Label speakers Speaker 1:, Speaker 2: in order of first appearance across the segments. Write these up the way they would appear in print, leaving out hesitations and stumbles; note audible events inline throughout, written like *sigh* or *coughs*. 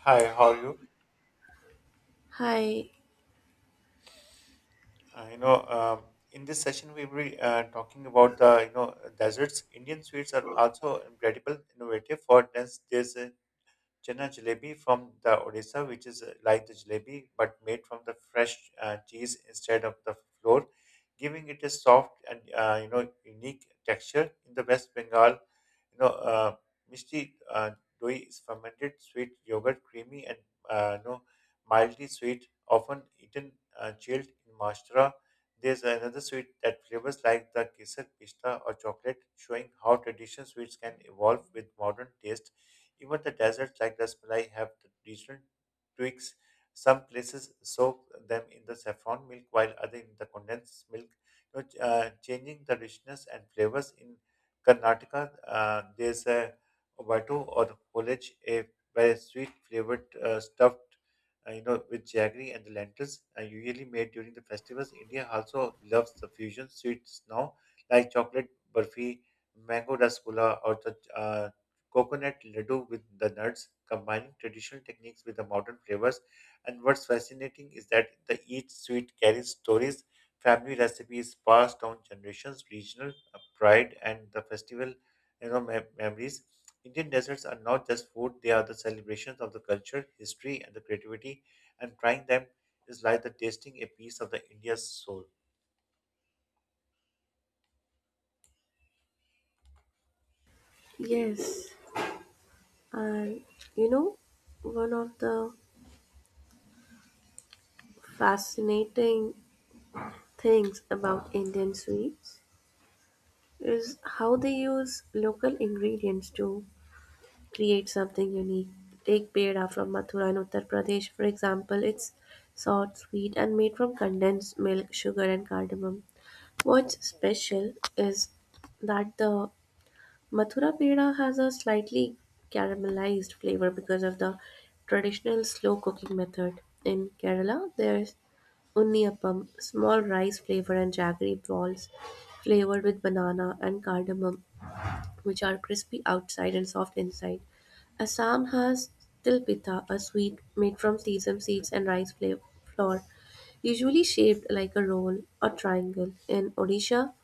Speaker 1: Hi, how are you?
Speaker 2: Hi,
Speaker 1: Uh, you know, um, in this session we will be talking about the deserts. Indian sweets are also incredible, innovative for this. There's chana jalebi from the Odisha, which is like the jalebi but made from the fresh cheese instead of the flour, giving it a soft and unique texture. In the West Bengal, you know, uh, mishti doi is fermented sweet yogurt, creamy and uh, you know mildly sweet, often eaten chilled in Maharashtra. There's another sweet that flavors like the kesar, pista, or chocolate, showing how traditional sweets can evolve with modern taste. Even the deserts like the rasmalai have the regional tweaks. Some places soak them in the saffron milk, while others in the condensed milk, changing the richness and flavors. In Karnataka, there's a obatu or holage, a very sweet flavored stuffed, with jaggery and the lentils, usually made during the festivals. India also loves the fusion sweets now, like chocolate burfi, mango rasgulla, or the coconut laddu with the nuts, combining traditional techniques with the modern flavors. And what's fascinating is that the each sweet carries stories, family recipes passed down generations, regional pride, and the festival, you know, mem- memories. Indian desserts are not just food; they are the celebrations of the culture, history, and the creativity. And trying them is like the tasting a piece of the India's soul.
Speaker 2: yes. And you know, one of the fascinating things about Indian sweets is how they use local ingredients to create something unique. Take peda from Mathura in Uttar Pradesh, for example. It's soft, sweet, and made from condensed milk, sugar, and cardamom. What's special is that the Mathura peda has a slightly caramelized flavor because of the traditional slow cooking method. In Kerala, there's unniyappam, small rice flavor, and jaggery balls flavored with banana and cardamom which are crispy outside and soft inside. Assam has tilpitha, a sweet made from sesame seeds and rice flour, usually shaped like a roll or triangle. In Odisha,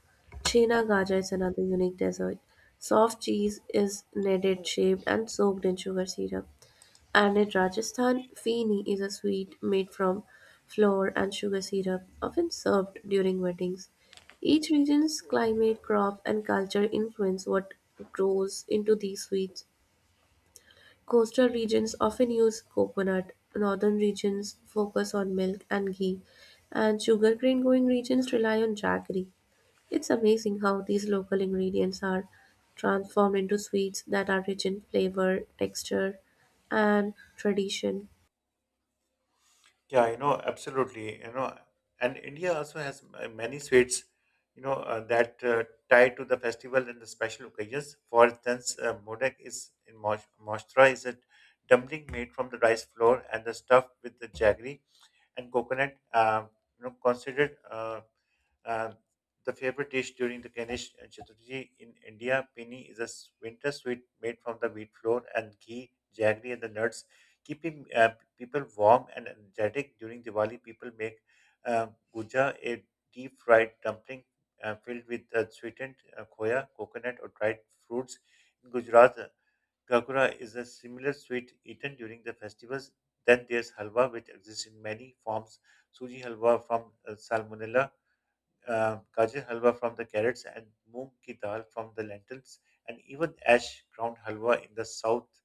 Speaker 2: chena Gaja is another unique dessert. Soft cheese is kneaded, shaped, and soaked in sugar syrup. And in Rajasthan, feeni is a sweet made from flour and sugar syrup, often served during weddings. Each region's climate, crops, and culture influence what grows into these sweets. Coastal regions often use coconut, northern regions focus on milk and ghee, and sugar cane growing regions rely on jaggery. It's amazing how these local ingredients are transformed into sweets that are rich in flavor, texture, and tradition.
Speaker 1: Yeah, you know, absolutely. You know, and India also has many sweets, you know, that tie to the festival and the special occasions. For instance, modak is in Maharashtra is a dumpling made from the rice flour and the stuffed with the jaggery and coconut. Considered. uh, the favorite dish during the Ganesh Chaturthi in India, pini, is a winter sweet made from the wheat flour and ghee, jaggery, and the nuts, keeping people warm and energetic. During Diwali, people make uh, guja, a deep fried dumpling filled with sweetened khoya, coconut, or dried fruits. In Gujarat, kakura is a similar sweet eaten during the festivals. Then there's halwa, which exists in many forms. Suji halwa from salmonella, gajar halwa from the carrots and moong ki dal from the lentils, and even ash ground halwa in the south.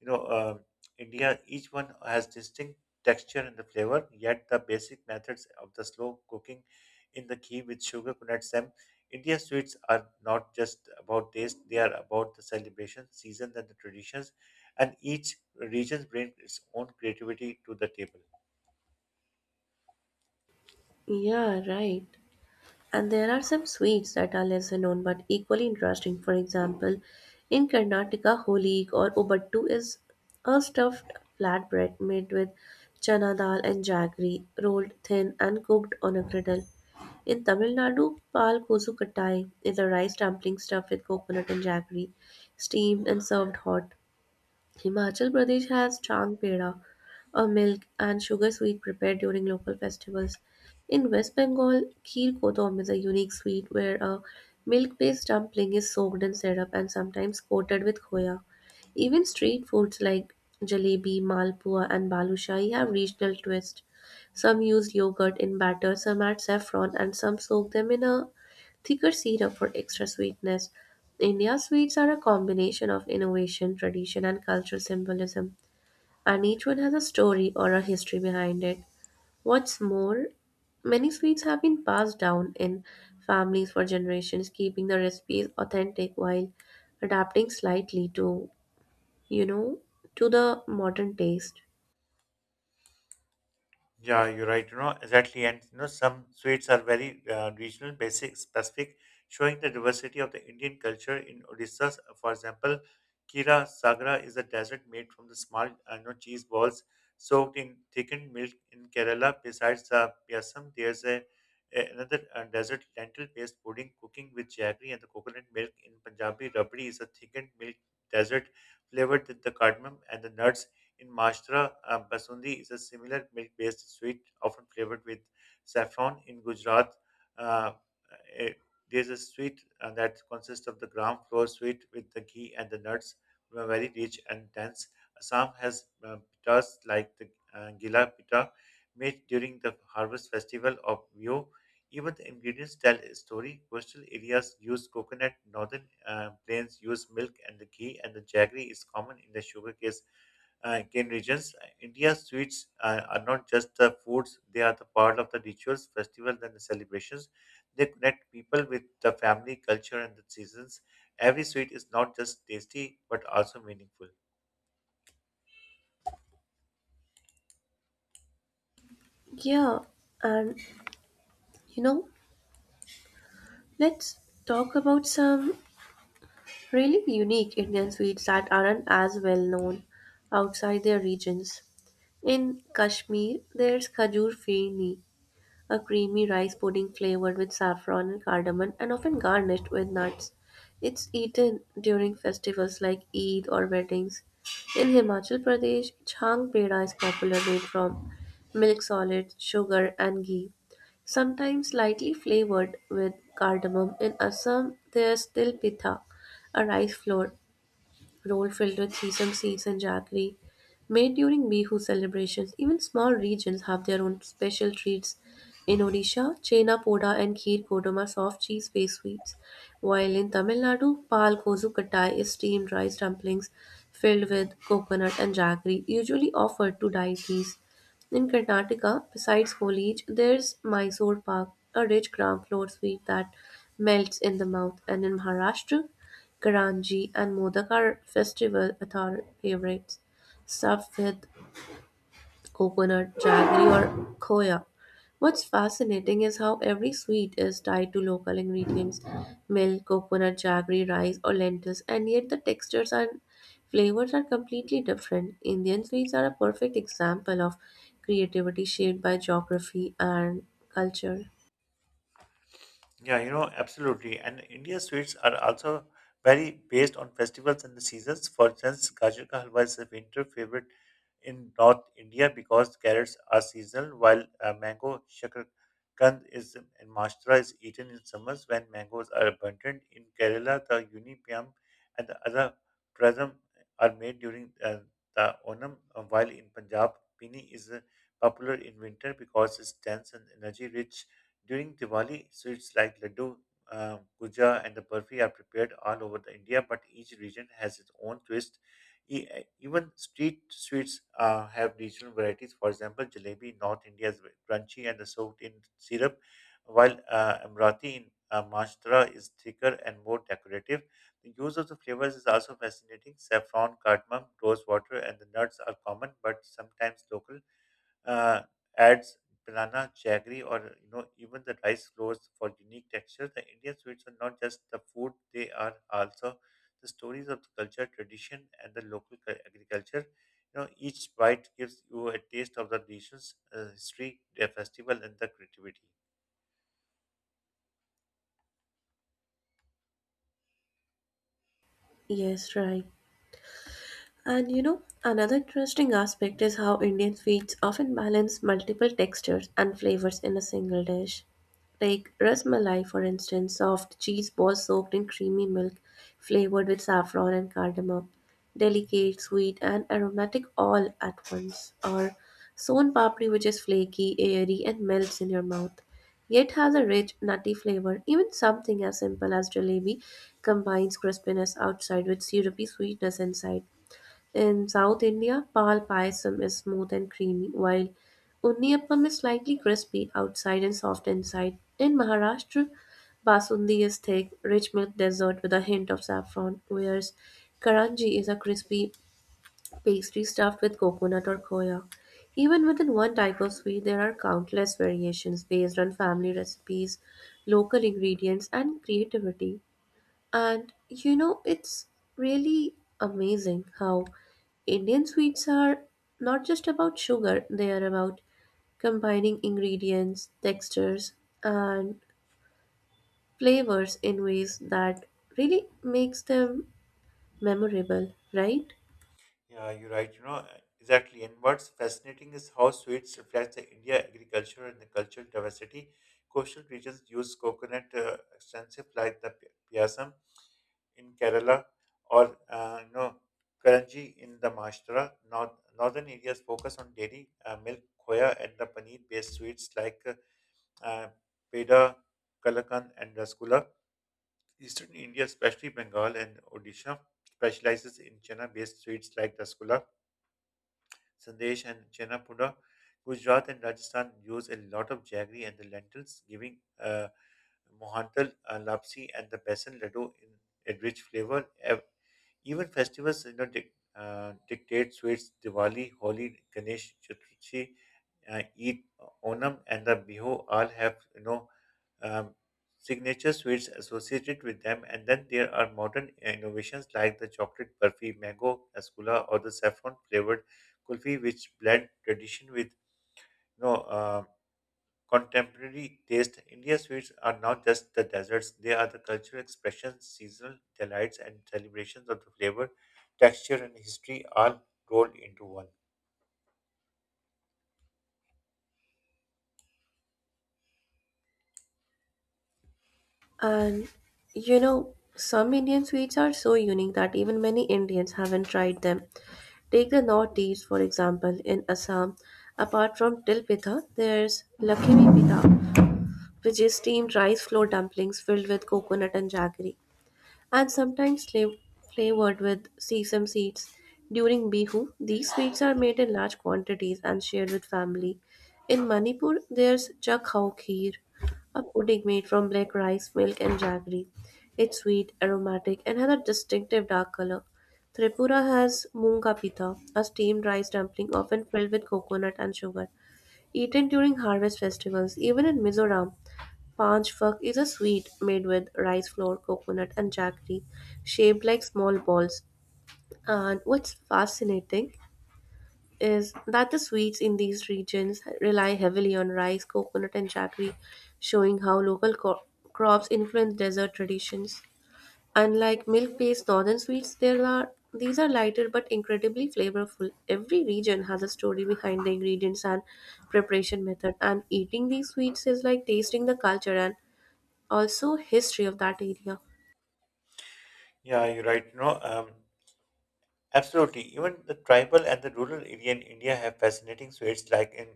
Speaker 1: You know, um India, each one has distinct texture and the flavor, yet the basic methods of the slow cooking in the ghee with sugar connects them. India sweets are not just about taste, they are about the celebration, seasons, and the traditions, and each region brings its own creativity to the table.
Speaker 2: Yeah, right. And there are some sweets that are lesser known but equally interesting. For example, in Karnataka, holig or ubattu is a stuffed flatbread made with chana dal and jaggery, rolled thin and cooked on a griddle. In Tamil Nadu, pal kosu kattai is a rice dumpling stuffed with coconut and jaggery, steamed and served hot. Himachal Pradesh has Chang Peda, a milk and sugar sweet prepared during local festivals. In West Bengal, Kheer Kodam is a unique sweet where a milk based dumpling is soaked in syrup and sometimes coated with khoya. Even street foods like jalebi, malpua, and balushai have regional twist. Some use yogurt in batter, some add saffron, and some soak them in a thicker syrup for extra sweetness. India's sweets are a combination of innovation, tradition, and cultural symbolism, and each one has a story or a history behind it. What's more, many sweets have been passed down in families for generations, keeping the recipes authentic while adapting slightly to, you know, to the modern taste.
Speaker 1: Yeah, you're right. You know, exactly. And you know, some sweets are very regional, basic, specific, showing the diversity of the Indian culture in Odisha. For example, Kira Sagra is a dessert made from the small cheese balls soaked in thickened milk in Kerala. Besides the Piasam, there's another desert lentil paste pudding cooking with jaggery and the coconut milk. In Punjabi, rabdi is a thickened milk dessert flavored with the cardamom and the nuts. In Maharashtra, basundi is a similar milk-based sweet, often flavored with saffron. In Gujarat, uh, eh, there's a sweet that consists of the gram flour sweet with the ghee and the nuts, were very rich and dense. Assam has pitas like the gila pita, made during the harvest festival of Bihu. Even the ingredients tell a story. Coastal areas use coconut, northern plains use milk and the ghee, and the jaggery is common in the sugarcane Indian regions. India's sweets are not just the foods, they are the part of the rituals, festivals, and the celebrations. They connect people with the family, culture, and the seasons. Every sweet is not just tasty but also meaningful.
Speaker 2: Yeah, and you know, let's talk about some really unique Indian sweets that aren't as well known outside their regions. In Kashmir, there's Khajur Feni, a creamy rice pudding flavored with saffron and cardamom and often garnished with nuts. It's eaten during festivals like Eid or weddings. In Himachal Pradesh, Chhang Peda is popular made from milk solids, sugar, and ghee, sometimes lightly flavored with cardamom. In Assam, there's til pitha, a rice flour roll filled with sesame seeds and jaggery, made during Bihu celebrations. Even small regions have their own special treats. In Odisha, Chena Poda and Kheer Kodam are soft cheese based sweets, while in Tamil Nadu, Pal Kozu Kattai is steamed rice dumplings filled with coconut and jaggery, usually offered to deities. In Karnataka, besides foliage, there's Mysore pak, a rich gram-flour sweet that melts in the mouth, and in Maharashtra, Karanji and Modak are festival author favorites, stuffed with coconut, jaggery, or khoya. What's fascinating is how every sweet is tied to local ingredients milk, coconut, jaggery, rice, or lentils, and yet the textures and flavors are completely different. Indian sweets are a perfect example of creativity shaped by geography and culture.
Speaker 1: Yeah, you know, absolutely. And Indian sweets are also very based on festivals and the seasons. For instance, Gajar ka halwa is a winter favorite in North India because carrots are seasonal, while mango shakarkand is in Maharashtra is eaten in summers when mangoes are abundant. In Kerala, the unipyam and the other prasam are made during the Onam, while in Punjab, pini is popular in winter because it's dense and energy rich. During Diwali, sweets like laddu, guja, and the burfi are prepared all over the India, but each region has its own twist. Even street sweets have regional varieties. For example, jalebi in North India is crunchy and soaked in syrup, while Amrati in Maharashtra is thicker and more decorative. The use of the flavors is also fascinating. Saffron, cardamom, rose water, and the nuts are common but sometimes local uh, adds banana, jaggery, or even the rice flours for unique texture. The Indian sweets are not just the food; they are also the stories of the culture, tradition, and the local agriculture. You know, each bite gives you a taste of the region's history, their festival, and the creativity.
Speaker 2: Yes, right. And you know, another interesting aspect is how Indian sweets often balance multiple textures and flavors in a single dish. Like rasmalai, for instance, soft cheese balls soaked in creamy milk, flavored with saffron and cardamom. Delicate, sweet, and aromatic all at once. Or sown papri, which is flaky, airy, and melts in your mouth, yet has a rich, nutty flavor. Even something as simple as jalebi combines crispiness outside with syrupy sweetness inside. In South India, pal payasam is smooth and creamy, while unniyappam is slightly crispy outside and soft inside. In Maharashtra, basundi is thick, rich milk dessert with a hint of saffron, whereas karanji is a crispy pastry stuffed with coconut or khoya. Even within one type of sweet, there are countless variations based on family recipes, local ingredients, and creativity. And you know, it's really amazing how Indian sweets are not just about sugar, they are about combining ingredients, textures, and flavors in ways that really makes them memorable, right?
Speaker 1: Yeah, you're right. You know, exactly. And what's fascinating is how sweets reflects the India agriculture and the cultural diversity. Coastal regions use coconut extensive like the piasam in Kerala or Karanji in the Maharashtra. Northern areas focus on dairy, milk, khoya, and the paneer-based sweets like uh, peda, kalakan, and rasgulla. Eastern India, especially Bengal and Odisha, specializes in chana-based sweets like rasgulla Sandesh, and Chenapuda. Gujarat and Rajasthan use a lot of jaggery and the lentils, giving mohantal lapsi and the besan laddu in a rich flavor. Ev- Even festivals, you know, dictate sweets. Diwali, Holi, Ganesh Chaturthi, Eid, Onam, and the Bihu all have um, signature sweets associated with them. And then there are modern innovations like the chocolate burfi, mango ascula, or the saffron flavored kulfi, which blend tradition with you know. Uh, contemporary taste. Indian sweets are not just the desserts, they are the cultural expressions, seasonal delights, and celebrations of the flavor, texture, and history all rolled into one.
Speaker 2: And you know, some Indian sweets are so unique that even many Indians haven't tried them. Take the Northeast, for example, in Assam. Apart from til pitha, there's lakimi pitha, which is steamed rice flour dumplings filled with coconut and jaggery, and sometimes flavored with sesame seeds. During Bihu, these sweets are made in large quantities and shared with family. In Manipur, there's chakhau kheer, a pudding made from black rice, milk, and jaggery. It's sweet, aromatic, and has a distinctive dark color. Tripura has munga pita, a steamed rice dumpling often filled with coconut and sugar, eaten during harvest festivals. Even in Mizoram, Panch Phak is a sweet made with rice flour, coconut, and jaggery, shaped like small balls. And what's fascinating is that the sweets in these regions rely heavily on rice, coconut, and jaggery, showing how local crops influence dessert traditions. Unlike milk-based northern sweets, there are these are lighter but incredibly flavorful. Every region has a story behind the ingredients and preparation method, and eating these sweets is like tasting the culture and also history of that area.
Speaker 1: Yeah, you're right. Absolutely. Even the tribal and the rural area in India have fascinating sweets like in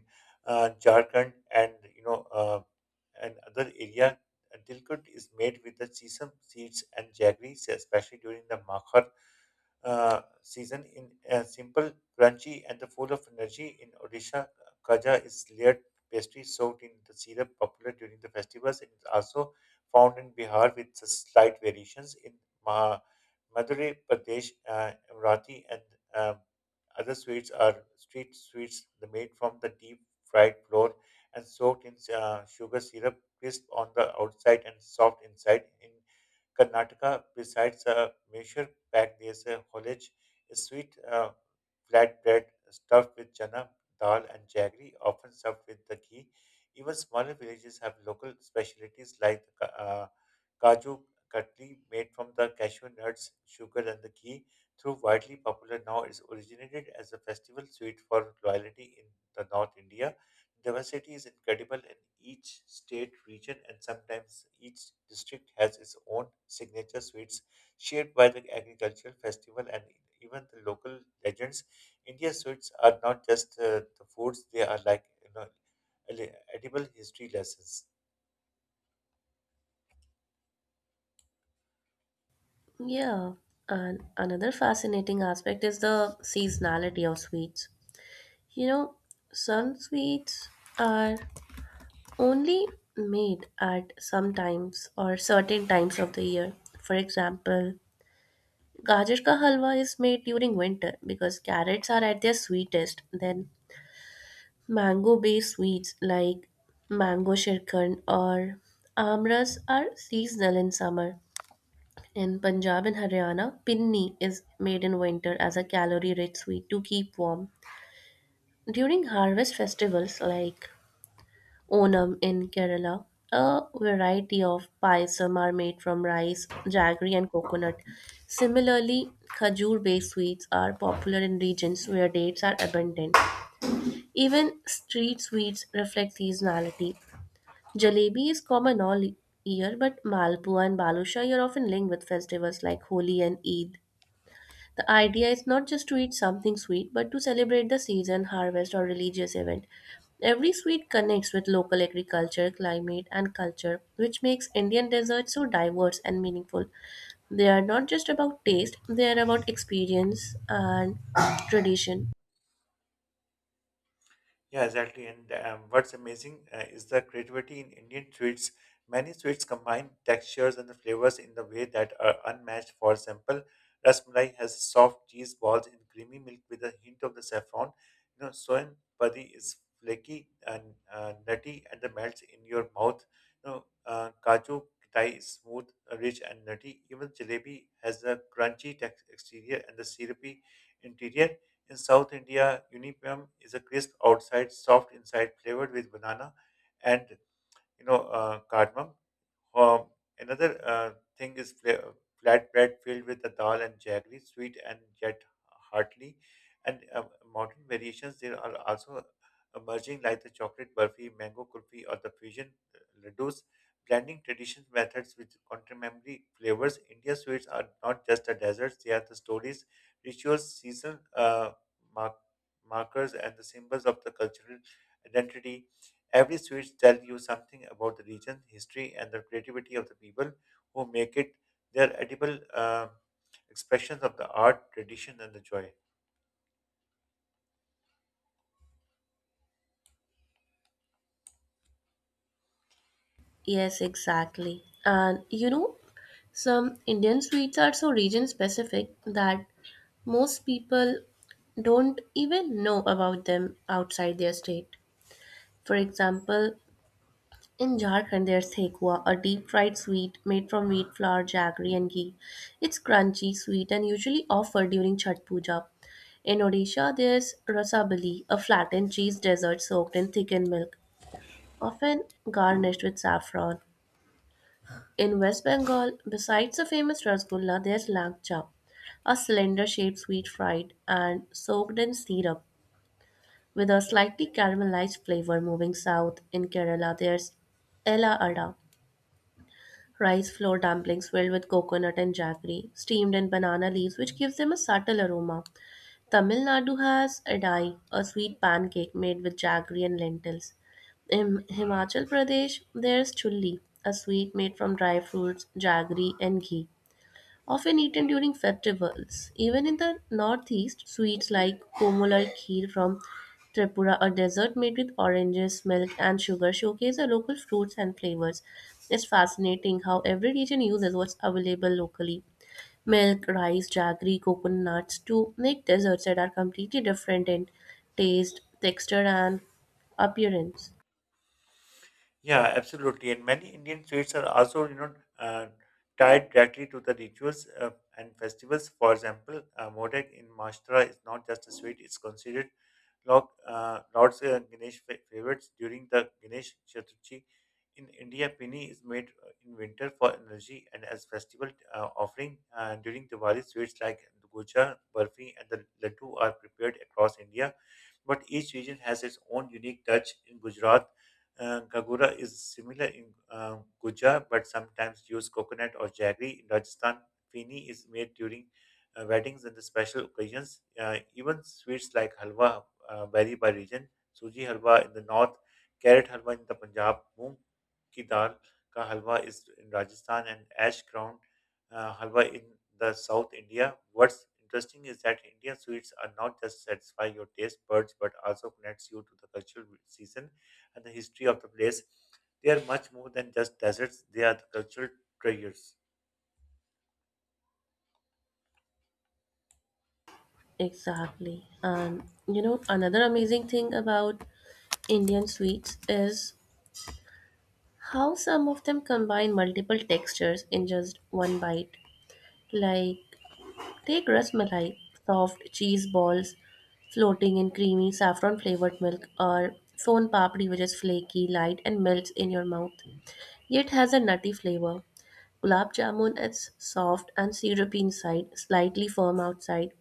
Speaker 1: Jharkhand and and other area. Tilkut is made with the sesame seeds and jaggery, especially during the Makhar season. In simple, crunchy, and the full of energy. In Odisha, kaja is layered pastry soaked in the syrup, popular during the festivals. It is also found in Bihar with slight variations in Maharashtra. Madhya Pradesh, Amrati, and um, other sweets are street sweets the made from the deep fried flour and soaked in sugar syrup, crisp on the outside and soft inside. In Karnataka, besides a measure pack, there's a holage, a sweet flatbread stuffed with chana, dal, and jaggery, often served with the ghee. Even smaller villages have local specialties like uh, Kaju Katli, made from the cashew nuts, sugar, and the ghee, through widely popular now, is originated as a festival sweet for loyalty in the North India. Diversity is incredible in each state, region, and sometimes each district has its own signature sweets shared by the agricultural festival and even the local legends. India's sweets are not just the foods; they are like edible history lessons.
Speaker 2: Yeah, and another fascinating aspect is the seasonality of sweets. You know, some sweets are only made at some times or certain times of the year. For example, gajar ka halwa is made during winter because carrots are at their sweetest. Then mango-based sweets like mango shirkan or amras are seasonal in summer. In Punjab and Haryana, pinni is made in winter as a calorie-rich sweet to keep warm. During harvest festivals like Onam in Kerala, a variety of payasam are made from rice, jaggery, and coconut. Similarly, khajur-based sweets are popular in regions where dates are abundant. Even street sweets reflect seasonality. Jalebi is common all year, but Malpua and Balushai are often linked with festivals like Holi and Eid. The idea is not just to eat something sweet, but to celebrate the season, harvest, or religious event. Every sweet connects with local agriculture, climate, and culture, which makes Indian desserts so diverse and meaningful. They are not just about taste, they are about experience and *coughs* tradition.
Speaker 1: Yeah, exactly. And what's amazing is the creativity in Indian sweets. Many sweets combine textures and the flavors in the way that are unmatched. For example, rasmalai has soft cheese balls in creamy milk with a hint of the saffron. You know, soin padi is flaky and nutty and the melts in your mouth. You know, kaju kitai is smooth, rich and nutty. Even jalebi has a crunchy exterior and the syrupy interior. In South India, Unipam is a crisp outside, soft inside, flavored with banana and cardamom. Um, another thing is flatbread filled with the dal and jaggery, sweet and yet hearty. And modern variations there are also emerging, like the chocolate burfi, mango kulfi, or the fusion laddus. Blending traditional methods with contemporary flavors, India sweets are not just the desserts; they are the stories, rituals, seasonal mark- markers, and the symbols of the cultural identity. Every switch tells you something about the region, history, and the creativity of the people who make it. They are edible expressions of the art, tradition, and the joy.
Speaker 2: Yes, exactly. And you know, some Indian sweets are so region specific that most people don't even know about them outside their state. For example, in Jharkhand, there's Thekua, a deep-fried sweet made from wheat flour, jaggery, and ghee. It's crunchy, sweet, and usually offered during Chhat Puja. In Odisha, there's Rasabali, a flattened cheese dessert soaked in thickened milk, often garnished with saffron. In West Bengal, besides the famous Rasgulla, there's Langcha, a cylinder-shaped sweet fried and soaked in syrup with a slightly caramelized flavor. Moving south in Kerala, there's Ella Ada, rice flour dumplings filled with coconut and jaggery, steamed in banana leaves, which gives them a subtle aroma. Tamil Nadu has adai, a sweet pancake made with jaggery and lentils. In Himachal Pradesh, there's chulli, a sweet made from dry fruits, jaggery, and ghee often eaten during festivals. Even in the northeast, sweets like komol or kheer from Tripura, a dessert made with oranges, milk, and sugar, showcase the local fruits and flavors. It's fascinating how every region uses what's available locally milk, rice, jaggery, coconuts to make desserts that are completely different in taste, texture, and appearance.
Speaker 1: Yeah, absolutely. And many Indian sweets are also, you know, tied directly to the rituals and festivals. For example, Modak in Maharashtra is not just a sweet; it's considered Lord's Ganesh favorites during the Ganesh Chaturthi. In India, Pini is made in winter for energy and as festival offering. During Diwali, sweets like gocha, burfi, and the laddu are prepared across India, but each region has its own unique touch. In Gujarat, Gagura is similar in Guja, but sometimes use coconut or jaggery. In Rajasthan, fini is made during weddings and the special occasions. Even sweets like halwa vary by region. Suji halwa in the north, carrot halwa in the Punjab, moong ki dal ka halwa is in Rajasthan, and ash ground halwa in the South India. What's interesting is that Indian sweets are not just satisfy your taste buds but also connects you to the cultural season and the history of the place. They are much more than just deserts, they are the cultural treasures.
Speaker 2: Exactly. And you know, another amazing thing about Indian sweets is how some of them combine multiple textures in just one bite. Like, take rasmalai, soft cheese balls floating in creamy saffron flavored milk, or son papdi, which is flaky, light, and melts in your mouth, yet has a nutty flavor. Gulab jamun is soft and syrupy inside, slightly firm outside.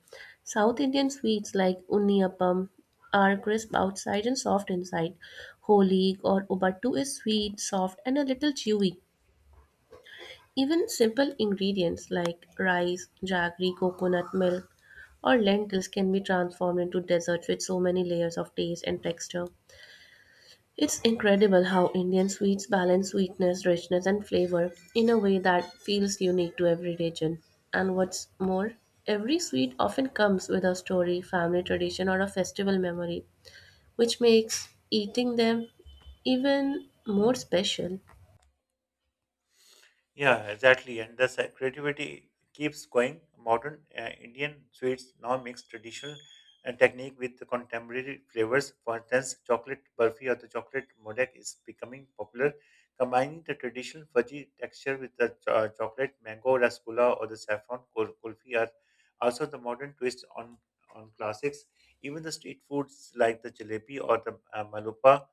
Speaker 2: South Indian sweets like unniyappam are crisp outside and soft inside. Holig or ubattu is sweet, soft, and a little chewy even simple ingredients like rice, jaggery, coconut milk, or lentils can be transformed into desserts with so many layers of taste and texture. It's incredible how Indian sweets balance sweetness, richness, and flavor in a way that feels unique to every region. And what's more, every sweet often comes with a story, family tradition, or a festival memory, which makes eating them even more special.
Speaker 1: Yeah, exactly. And the creativity keeps going. Modern Indian sweets now mix traditional technique with the contemporary flavors. For instance, chocolate burfi or the chocolate modek is becoming popular, combining the traditional fudgy texture with the chocolate mango rasgulla or the saffron kulfi are also the modern twist on classics. Even the street foods like the jalebi or the malupa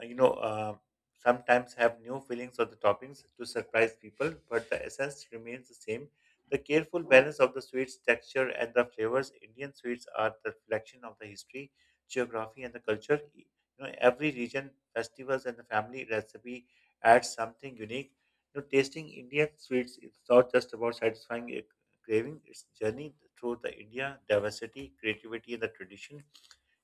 Speaker 1: uh, you know, uh, sometimes have new fillings or the toppings to surprise people, but the essence remains the same. The careful balance of the sweet's texture and the flavors, Indian sweets are the reflection of the history, geography, and the culture. You know, every region, festivals, and the family recipe adds something unique. You know, tasting Indian sweets is not just about satisfying a craving; it's journey through the India diversity, creativity, and the tradition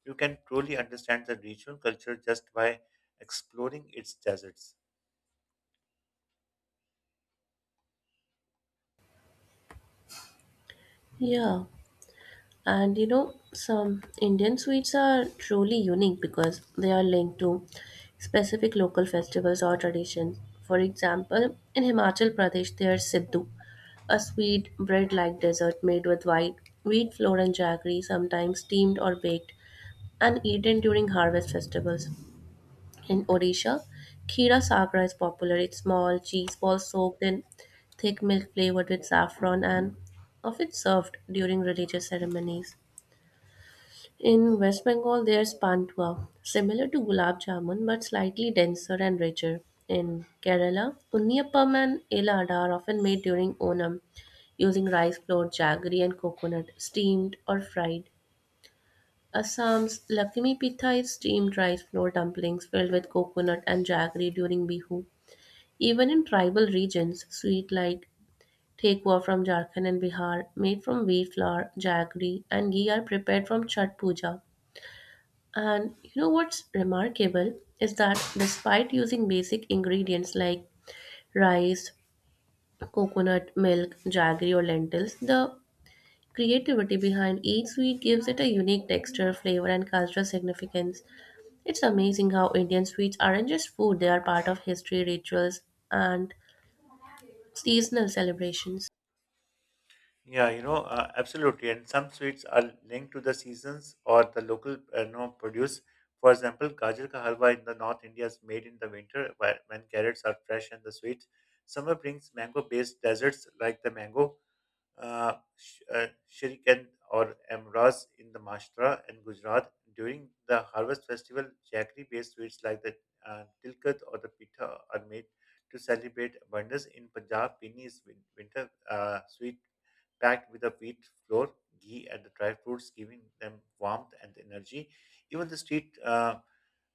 Speaker 1: you can truly understand the regional culture just by exploring its deserts.
Speaker 2: Yeah. And you know, some Indian sweets are truly unique because they are linked to specific local festivals or traditions. For example, in Himachal Pradesh, there is Siddu, a sweet bread like dessert made with white wheat flour and jaggery, sometimes steamed or baked, and eaten during harvest festivals. In Odisha, Khira Sagra is popular. It's small cheese balls soaked in thick milk flavored with saffron and often served during religious ceremonies. In West Bengal, there's Pantua, similar to gulab jamun but slightly denser and richer. In Kerala, Unniyappam and Elada are often made during Onam using rice flour, jaggery, and coconut, steamed or fried. Assam's Lakshmi Pitha is steamed rice flour dumplings filled with coconut and jaggery during Bihu. Even in tribal regions, sweet like Thekwa from Jharkhand and Bihar, made from wheat flour, jaggery, and ghee are prepared from Chhat Puja. And you know what's remarkable is that despite using basic ingredients like rice, coconut, milk, jaggery, or lentils, the creativity behind each sweet gives it a unique texture, flavor, and cultural significance. It's amazing how Indian sweets aren't just food, they are part of history, rituals, and seasonal celebrations.
Speaker 1: Yeah, absolutely. And some sweets are linked to the seasons or the local produce. For example, gajar ka halwa in the North India is made in the winter when carrots are fresh and the sweet. Summer brings mango-based desserts like the mango, shirikan or amras in the Maharashtra and Gujarat. During the harvest festival, jaggery-based sweets like the tilkat or the pita are made to celebrate abundance. In Punjab, pini is winter sweet packed with a wheat flour, ghee, and the dry fruits, giving them warmth and energy. Even the street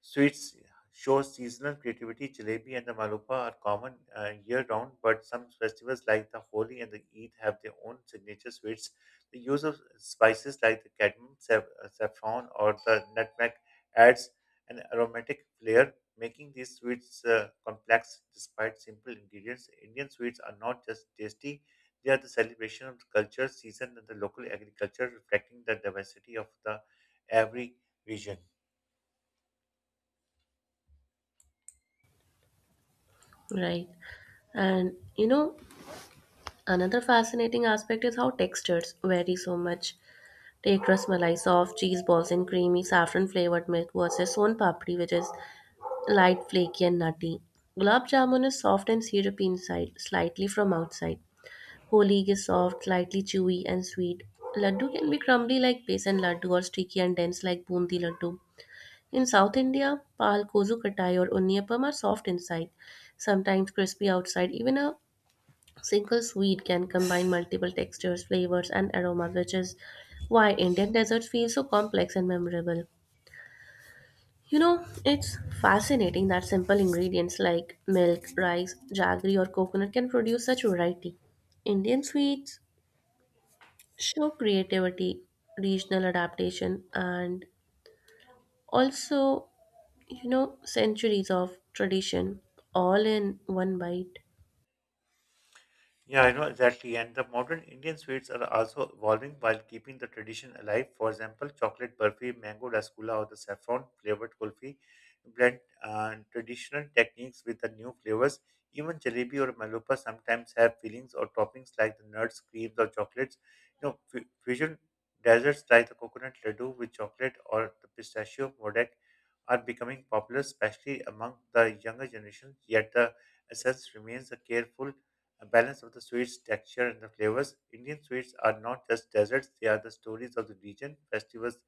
Speaker 1: sweets shows seasonal creativity. Jalebi and the malupa are common year-round, but some festivals like the Holi and the Eid have their own signature sweets. The use of spices like the cadmium, saffron, or the nutmeg adds an aromatic flair, making these sweets complex despite simple ingredients. Indian sweets are not just tasty; they are the celebration of the culture, season, and the local agriculture, reflecting the diversity of the every region.
Speaker 2: Right. And you know, another fascinating aspect is how textures vary so much. Take rasmalai, soft cheese balls and creamy saffron flavored milk versus son papdi, which is light, flaky, and nutty. Gulab jamun is soft and syrupy inside, slightly from outside. Holi is soft, slightly chewy, and sweet. Laddu can be crumbly like besan laddu or sticky and dense like bundi laddu. In South India, pal, kozu katai, or unniyappam are soft inside, sometimes crispy outside. Even a single sweet can combine multiple textures, flavors, and aromas, which is why Indian desserts feel so complex and memorable. You know, it's fascinating that simple ingredients like milk, rice, jaggery, or coconut can produce such variety. Indian sweets show creativity, regional adaptation, and also, you know, centuries of tradition all in one bite.
Speaker 1: Yeah, I know exactly. And the modern Indian sweets are also evolving while keeping the tradition alive. For example, chocolate burfi, mango rasgulla, or the saffron flavored kulfi blend traditional techniques with the new flavors. Even jalebi or malupa sometimes have fillings or toppings like the nuts, creams, or chocolates. You know, fusion desserts like the coconut laddu with chocolate or the pistachio modak are becoming popular, especially among the younger generation. Yet the essence remains a careful a balance of the sweets, texture, and the flavors. Indian sweets are not just desserts, they are the stories of the region, festivals,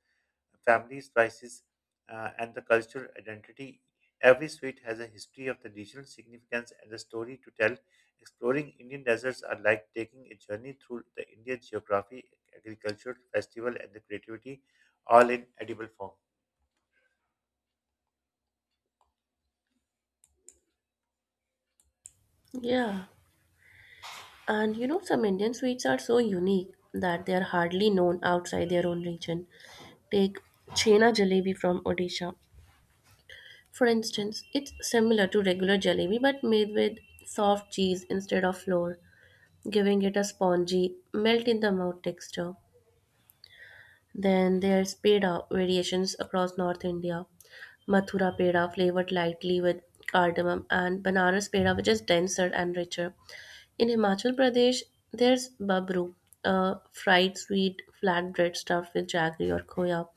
Speaker 1: family spices, and the cultural identity. Every sweet has a history of the regional significance and a story to tell. Exploring Indian deserts are like taking a journey through the Indian geography, agriculture, festival, and the creativity, all in edible form.
Speaker 2: Yeah. And you know, some Indian sweets are so unique that they are hardly known outside their own region. Take Chhena jalebi from Odisha. For instance, it's similar to regular jalebi but made with soft cheese instead of flour, giving it a spongy, melt in the mouth texture. Then there's peda variations across North India. Mathura peda flavored lightly with cardamom and Banaras peda which is denser and richer. In Himachal Pradesh, there's babru, a fried sweet flatbread stuffed with jaggery or khoya,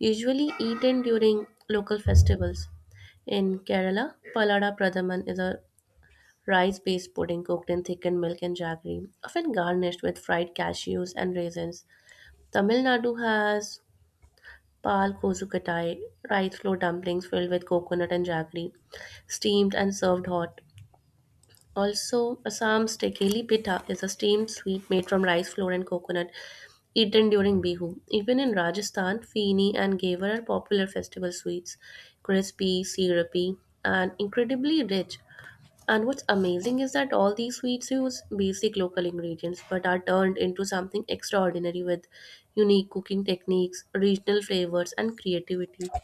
Speaker 2: usually eaten during local festivals. In Kerala, palada pradaman is a rice-based pudding cooked in thickened milk and jaggery, often garnished with fried cashews and raisins. Tamil Nadu has pal kozukatai, rice flour dumplings filled with coconut and jaggery, steamed and served hot. Also, Assam's Tekeli Pitha is a steamed sweet made from rice flour and coconut, eaten during Bihu. Even in Rajasthan, Feeni and Gavar are popular festival sweets, crispy, syrupy, and incredibly rich. And what's amazing is that all these sweets use basic local ingredients but are turned into something extraordinary with unique cooking techniques, regional flavors, and creativity.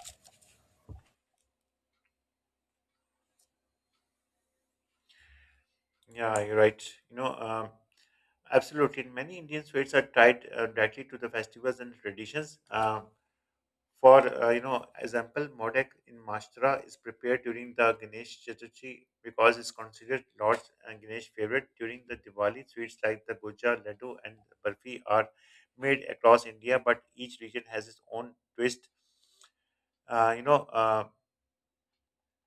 Speaker 1: Yeah, you're right. You know, um, absolutely. Many Indian sweets are tied directly to the festivals and traditions. For example, modek in Maharashtra is prepared during the Ganesh Chaturthi because it's considered Lord's and Ganesh favorite. During the Diwali, sweets like the goja, laddu, and barfi are made across India, but each region has its own twist. Uh, you know, uh,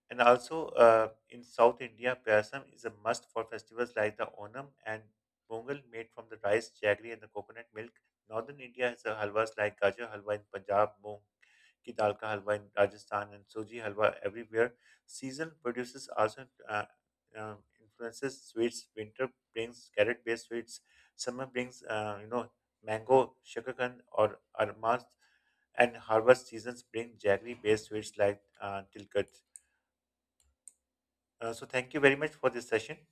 Speaker 1: and also in South India, payasam is a must for festivals like the Onam and Pongal, made from the rice, jaggery, and the coconut milk. Northern India has the halwas like gajar halwa in Punjab, moong ki dal ka halwa in Rajasthan and soji halwa everywhere. Season produces also uh, influences sweets. Winter brings carrot-based sweets. Summer brings mango, shakakand, or armas, and harvest seasons bring jaggery-based sweets like tilkat. So thank you very much for this session.